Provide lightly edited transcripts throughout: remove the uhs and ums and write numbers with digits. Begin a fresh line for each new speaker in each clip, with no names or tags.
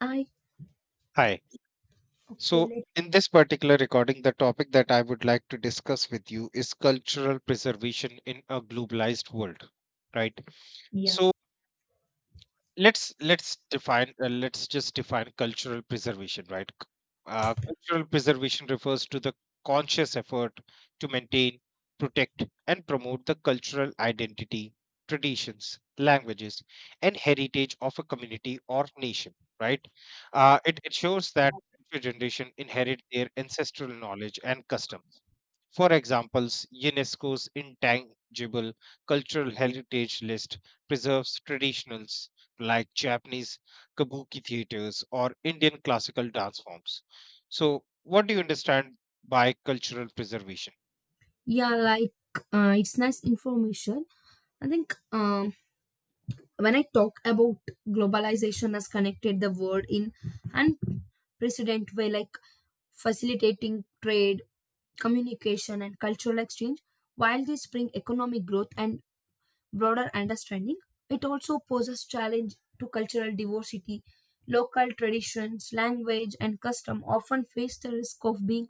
I
Hi.
okay,
So,
let
in this particular recording, the topic that I would like to discuss with you is cultural preservation in a globalized world, right?
yeah,
So, let's define let's just define cultural preservation, right? Cultural preservation refers to the conscious effort to maintain, protect and promote the cultural identity, traditions, languages and heritage of a community or nation, right? It shows that future generation inherit their ancestral knowledge and customs. For examples, UNESCO's intangible cultural heritage list preserves traditionals like Japanese kabuki theaters or Indian classical dance forms. So, what do you understand by cultural preservation?
yeah, like it's nice information. I think when I talk about globalization has connected the world in unprecedented way, like facilitating trade, communication, and cultural exchange. While this bring economic growth and broader understanding, it also poses challenge to cultural diversity. Local traditions, language, and custom often face the risk of being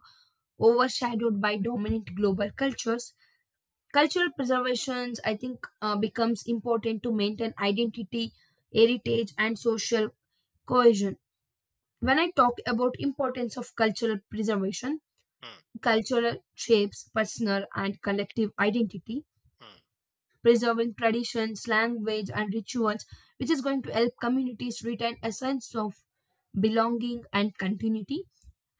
overshadowed by dominant global cultures. Cultural preservations, I think, becomes important to maintain identity, heritage, and social cohesion. When I talk about importance of cultural preservation,
Hmm,
cultural shapes personal and collective identity.
hmm,
Preserving traditions, language, and rituals, which is going to help communities retain a sense of belonging and continuity.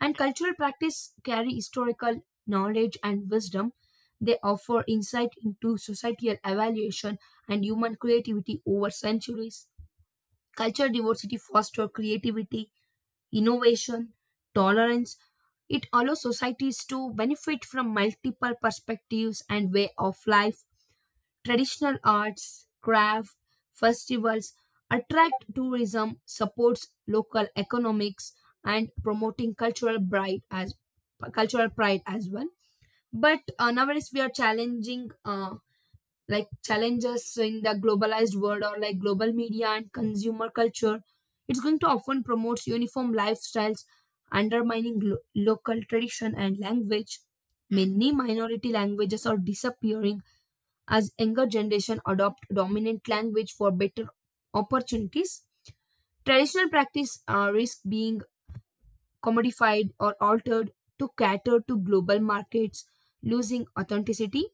And cultural practice carry historical knowledge and wisdom. They offer insight into societal evaluation and human creativity over centuries. Cultural diversity fosters creativity, innovation, tolerance. It allows societies to benefit from multiple perspectives and way of life. Traditional arts, craft, festivals attract tourism, supports local economics, and promoting cultural pride, as cultural pride, as well. But nowadays we are challenging like challenges in the globalized world, or like global media and consumer culture. It's going to often promote uniform lifestyles, undermining local tradition and language. Many minority languages are disappearing as younger generation adopt dominant language for better opportunities. Traditional practice, risk being commodified or altered to cater to global markets, losing authenticity.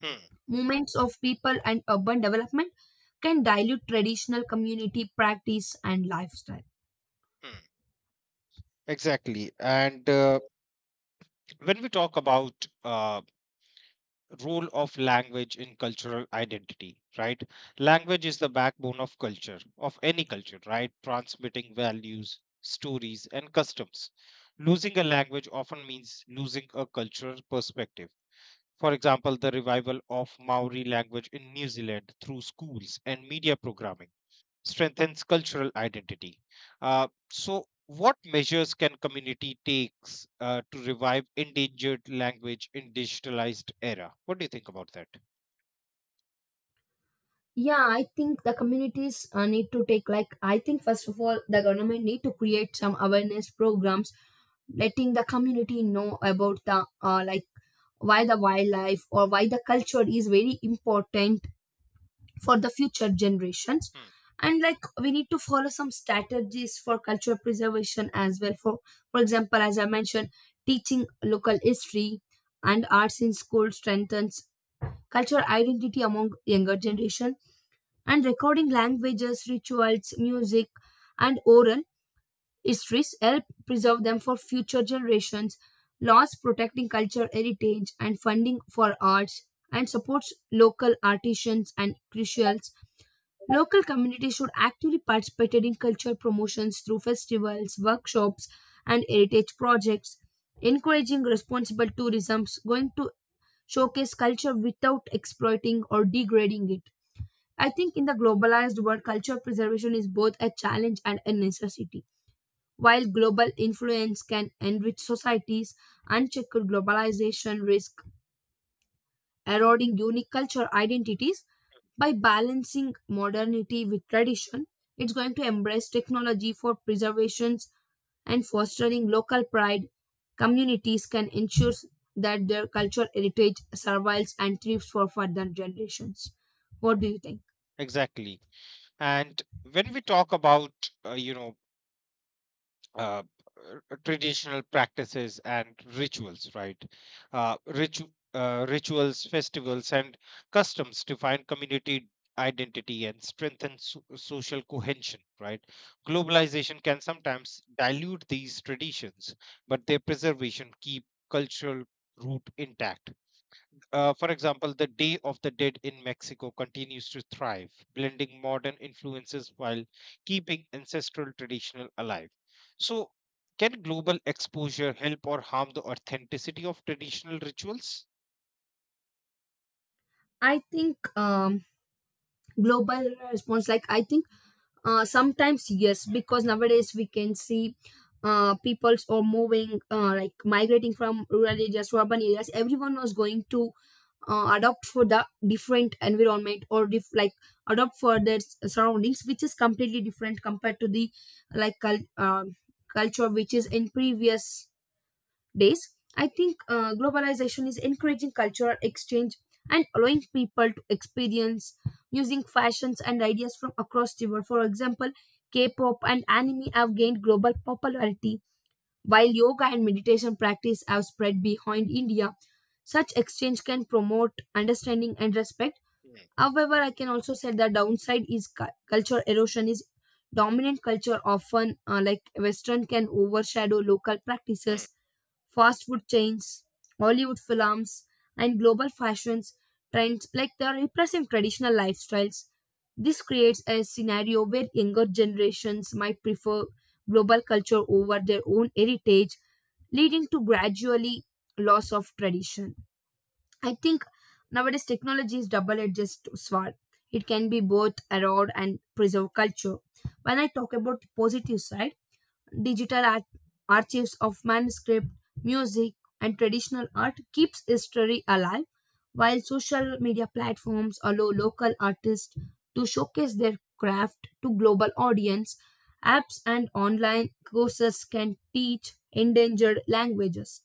hmm,
Movements of people and urban development can dilute traditional community practice and lifestyle.
hmm. Exactly. And when we talk about role of language in cultural identity, right? Language is the backbone of culture, of any culture, right? Transmitting values, stories, and customs. Losing a language often means losing a cultural perspective. For example, the revival of Maori language in New Zealand through schools and media programming strengthens cultural identity. So, what measures can community takes to revive endangered language in digitalized era? What do you think about that?
Yeah, I think the communities need to take, like, I think first of all the government need to create some awareness programs, letting the community know about the like, why the wildlife or why the culture is very important for the future generations.
Hmm,
And like we need to follow some strategies for cultural preservation as well. For example, as I mentioned, teaching local history and arts in school strengthens cultural identity among younger generation. And recording languages, rituals, music, and oral histories help preserve them for future generations. Laws protecting cultural heritage and funding for arts and supports local artisans and crucials. Local communities should actively participate in cultural promotions through festivals, workshops, and heritage projects. Encouraging responsible tourism is going to showcase culture without exploiting or degrading it. I think in the globalized world, culture preservation is both a challenge and a necessity. While global influence can enrich societies, unchecked globalization risks eroding unique cultural identities. By balancing modernity with tradition, it's going to embrace technology for preservations and fostering local pride. Communities can ensure that their cultural heritage survives and thrives for further generations. What do you think?
Exactly. And when we talk about, you know, uh, traditional practices and rituals, right? Rituals, festivals, and customs define community identity and strengthen social cohesion, right? Globalization can sometimes dilute these traditions, but their preservation keep cultural root intact. For example, the Day of the Dead in Mexico continues to thrive, blending modern influences while keeping ancestral traditional alive. So, can global exposure help or harm the authenticity of traditional rituals?
I think global response, like I think, sometimes yes, because nowadays we can see peoples are moving like migrating from rural areas to urban areas. Everyone was going to adopt for the different environment, or like, adopt for their surroundings, which is completely different compared to the like culture which is in previous days. I think globalization is encouraging cultural exchange and allowing people to experience using fashions and ideas from across the world. For example, K-pop and anime have gained global popularity, while yoga and meditation practice have spread behind India. Such exchange can promote understanding and respect.
Hmm,
However, I can also say the downside is culture erosion is dominant culture often like, Western can overshadow local
hmm.
practices. Fast food chains, Hollywood films, and global fashions trends, like, they are repressing traditional lifestyles. This creates a scenario where younger generations might prefer global culture over their own heritage, leading to gradually loss of tradition. I think nowadays technology is double-edged sword. It can be both erode and preserve culture. When I talk about the positive side, digital archives of manuscript, music, and traditional art keeps history alive, while social media platforms allow local artists to showcase their craft to global audience. Apps and online courses can teach endangered languages.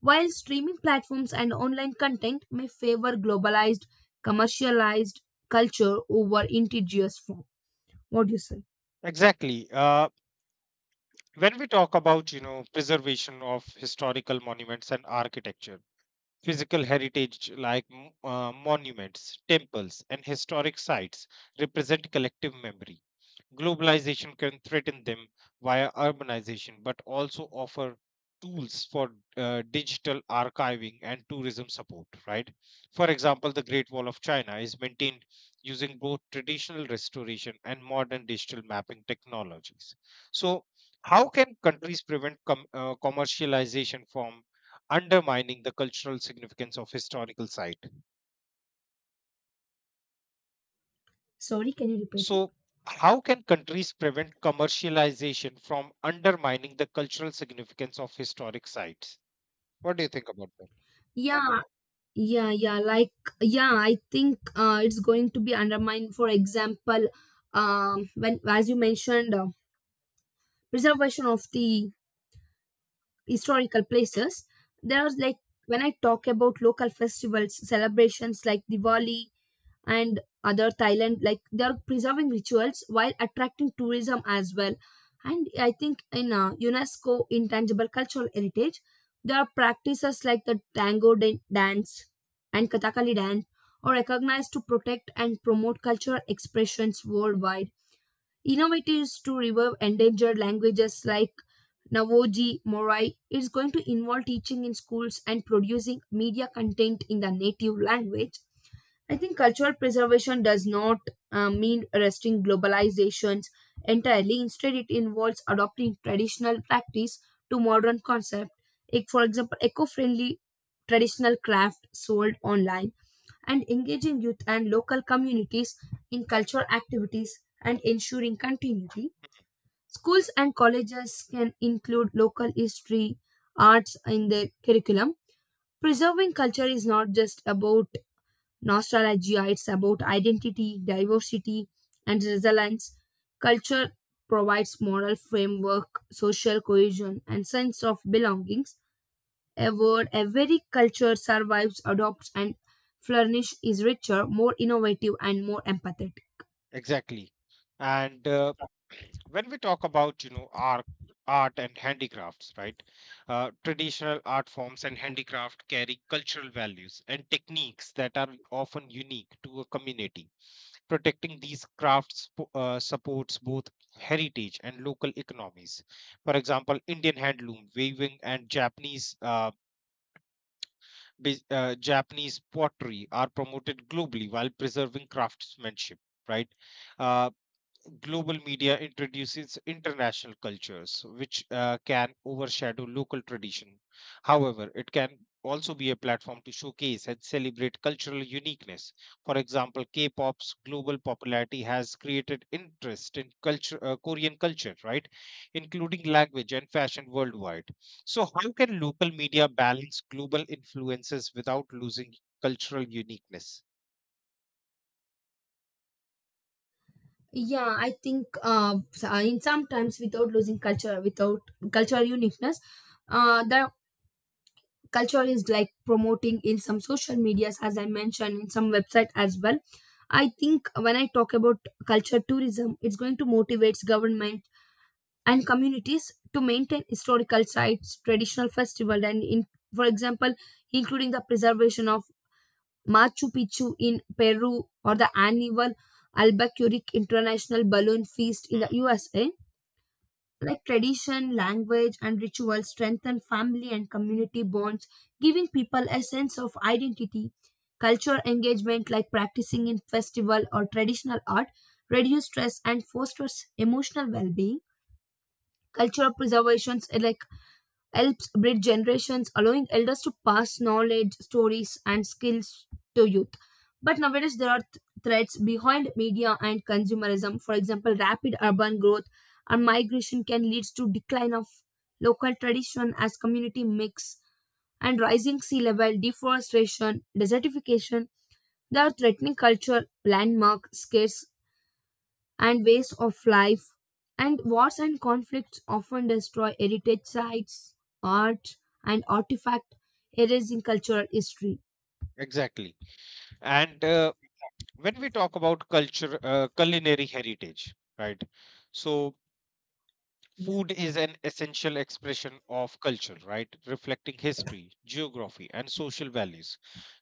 While streaming platforms and online content may favor globalized, commercialized culture over indigenous form. What do you say?
Exactly. When we talk about, you know, preservation of historical monuments and architecture, physical heritage like monuments, temples, and historic sites represent collective memory. Globalization can threaten them via urbanization, but also offer tools for digital archiving and tourism support, right? For example, the Great Wall of China is maintained using both traditional restoration and modern digital mapping technologies. So, how can countries prevent commercialization from undermining the cultural significance of historical site?
Sorry, can you repeat it?
So, how can countries prevent commercialization from undermining the cultural significance of historic sites? What do you think about that?
Yeah, yeah, yeah, like, yeah, I think it's going to be undermined. For example, when, as you mentioned, preservation of the historical
Mm,
places, there's like when I talk about local festivals celebrations like Diwali and other Thailand, like they are preserving rituals while attracting tourism as well. And I think in UNESCO intangible cultural heritage, there are practices like the tango dance and Kathakali dance are recognized to protect and promote cultural expressions worldwide. Innovatives to revive endangered languages like Navoji Morai is going to involve teaching in schools and producing media content in the native language. I think cultural preservation does not mean arresting globalizations entirely. Instead, it involves adopting traditional practice to modern concept. Like, for example, eco-friendly traditional craft sold online, and engaging youth and local communities in cultural activities and ensuring continuity. Schools and colleges can include local history, arts in their curriculum. Preserving culture is not just about nostalgia. It's about identity, diversity, and resilience. Culture provides moral framework, social cohesion, and sense of belongings. A word, a very culture survives, adopts, and flourishes is richer, more innovative, and more empathetic.
Exactly. And when we talk about, you know, art and handicrafts, right? Traditional art forms and handicraft carry cultural values and techniques that are often unique to a community. Protecting these crafts supports both heritage and local economies. For example, Indian handloom, weaving, and Japanese Japanese pottery are promoted globally while preserving craftsmanship. Right, uh, global media introduces international cultures which can overshadow local tradition. However, it can also be a platform to showcase and celebrate cultural uniqueness. For example, k-pop's global popularity has created interest in culture korean culture, right, including language and fashion worldwide. So how can local media balance global influences without losing cultural uniqueness?
Yeah, I think, in sometimes without losing culture, without cultural uniqueness, the culture is, like, promoting in some social medias, as I mentioned, in some website as well. I think when I talk about culture tourism, it's going to motivate government and communities to maintain historical sites, traditional festival, and in, for example, including the preservation of Machu Picchu in Peru, or the annual Albuquerque International Balloon Feast in the
Hmm,
USA. Like, tradition, language, and rituals strengthen family and community bonds, giving people a sense of identity. Cultural engagement, like practicing in festival or traditional art, reduce stress and fosters emotional well being. Cultural preservations, like helps bridge generations, allowing elders to pass knowledge, stories, and skills to youth. But nowadays, there are threats behind media and consumerism. For example, rapid urban growth and migration can lead to decline of local tradition as community mix and rising sea level, deforestation, desertification. They are threatening culture, landmark, scarce and ways of life. And wars and conflicts often destroy heritage sites, art, and artifact, erasing cultural history.
exactly. And when we talk about culture culinary heritage, right? So
Yeah.
food is an essential expression of culture, right, reflecting history, geography and social values.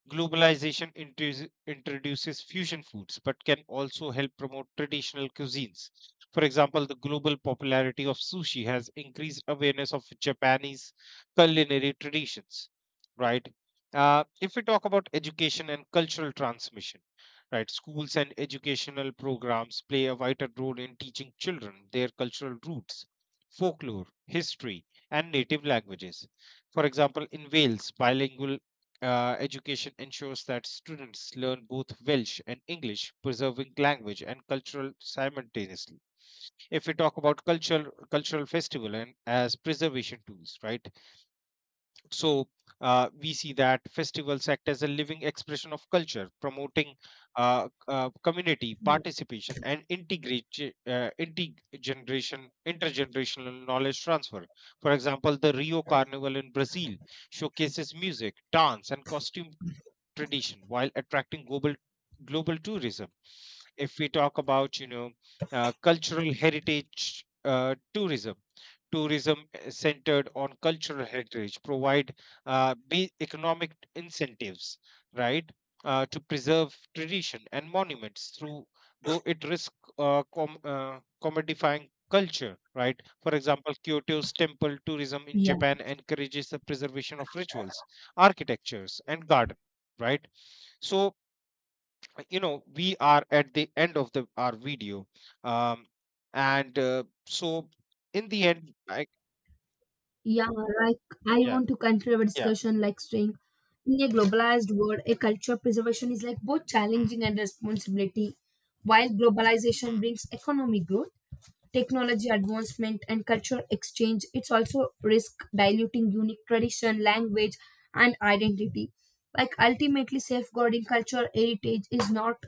Introduces fusion foods, but can also help promote traditional cuisines. For example, the global popularity of sushi has increased awareness of Japanese culinary traditions, right? If we talk about education and cultural transmission, right, schools and educational programs play a vital role in teaching children their cultural roots, folklore, history, and native languages. For example, in Wales, bilingual education ensures that students learn both Welsh and English, preserving language and cultural simultaneously. If we talk about cultural festival and as preservation tools, right? So we see that festivals act as a living expression of culture, promoting community participation and integrate intergeneration intergenerational knowledge transfer. For example, the Rio Carnival in Brazil showcases music, dance, and costume tradition while attracting global tourism. If we talk about, you know, cultural heritage tourism centered on cultural heritage provide be economic incentives, right, to preserve tradition and monuments through, though it risk commodifying culture, right? For example, kyoto's temple tourism in
Yeah,
japan encourages the preservation of rituals, architectures and gardens, right? So, you know, we are at the end of the our video. Um and uh, so in the end I,
yeah, like, I
yeah,
want to conclude our
yeah.
discussion, like, saying in a globalized world, a culture preservation is like both
mm,
challenging and responsibility. While globalization
mm,
brings economic growth, technology advancement, and cultural exchange, it's also risk diluting unique tradition, language, and identity. Like, ultimately safeguarding cultural heritage is not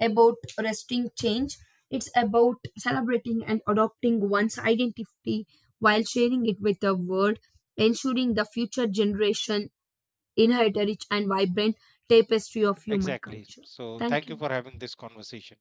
about resisting change, it's about celebrating and adopting one's identity while sharing it with the world, ensuring the future generation inherit a rich and vibrant tapestry of human
exactly.
culture.
So
Thank
thank you
you.
for having this conversation.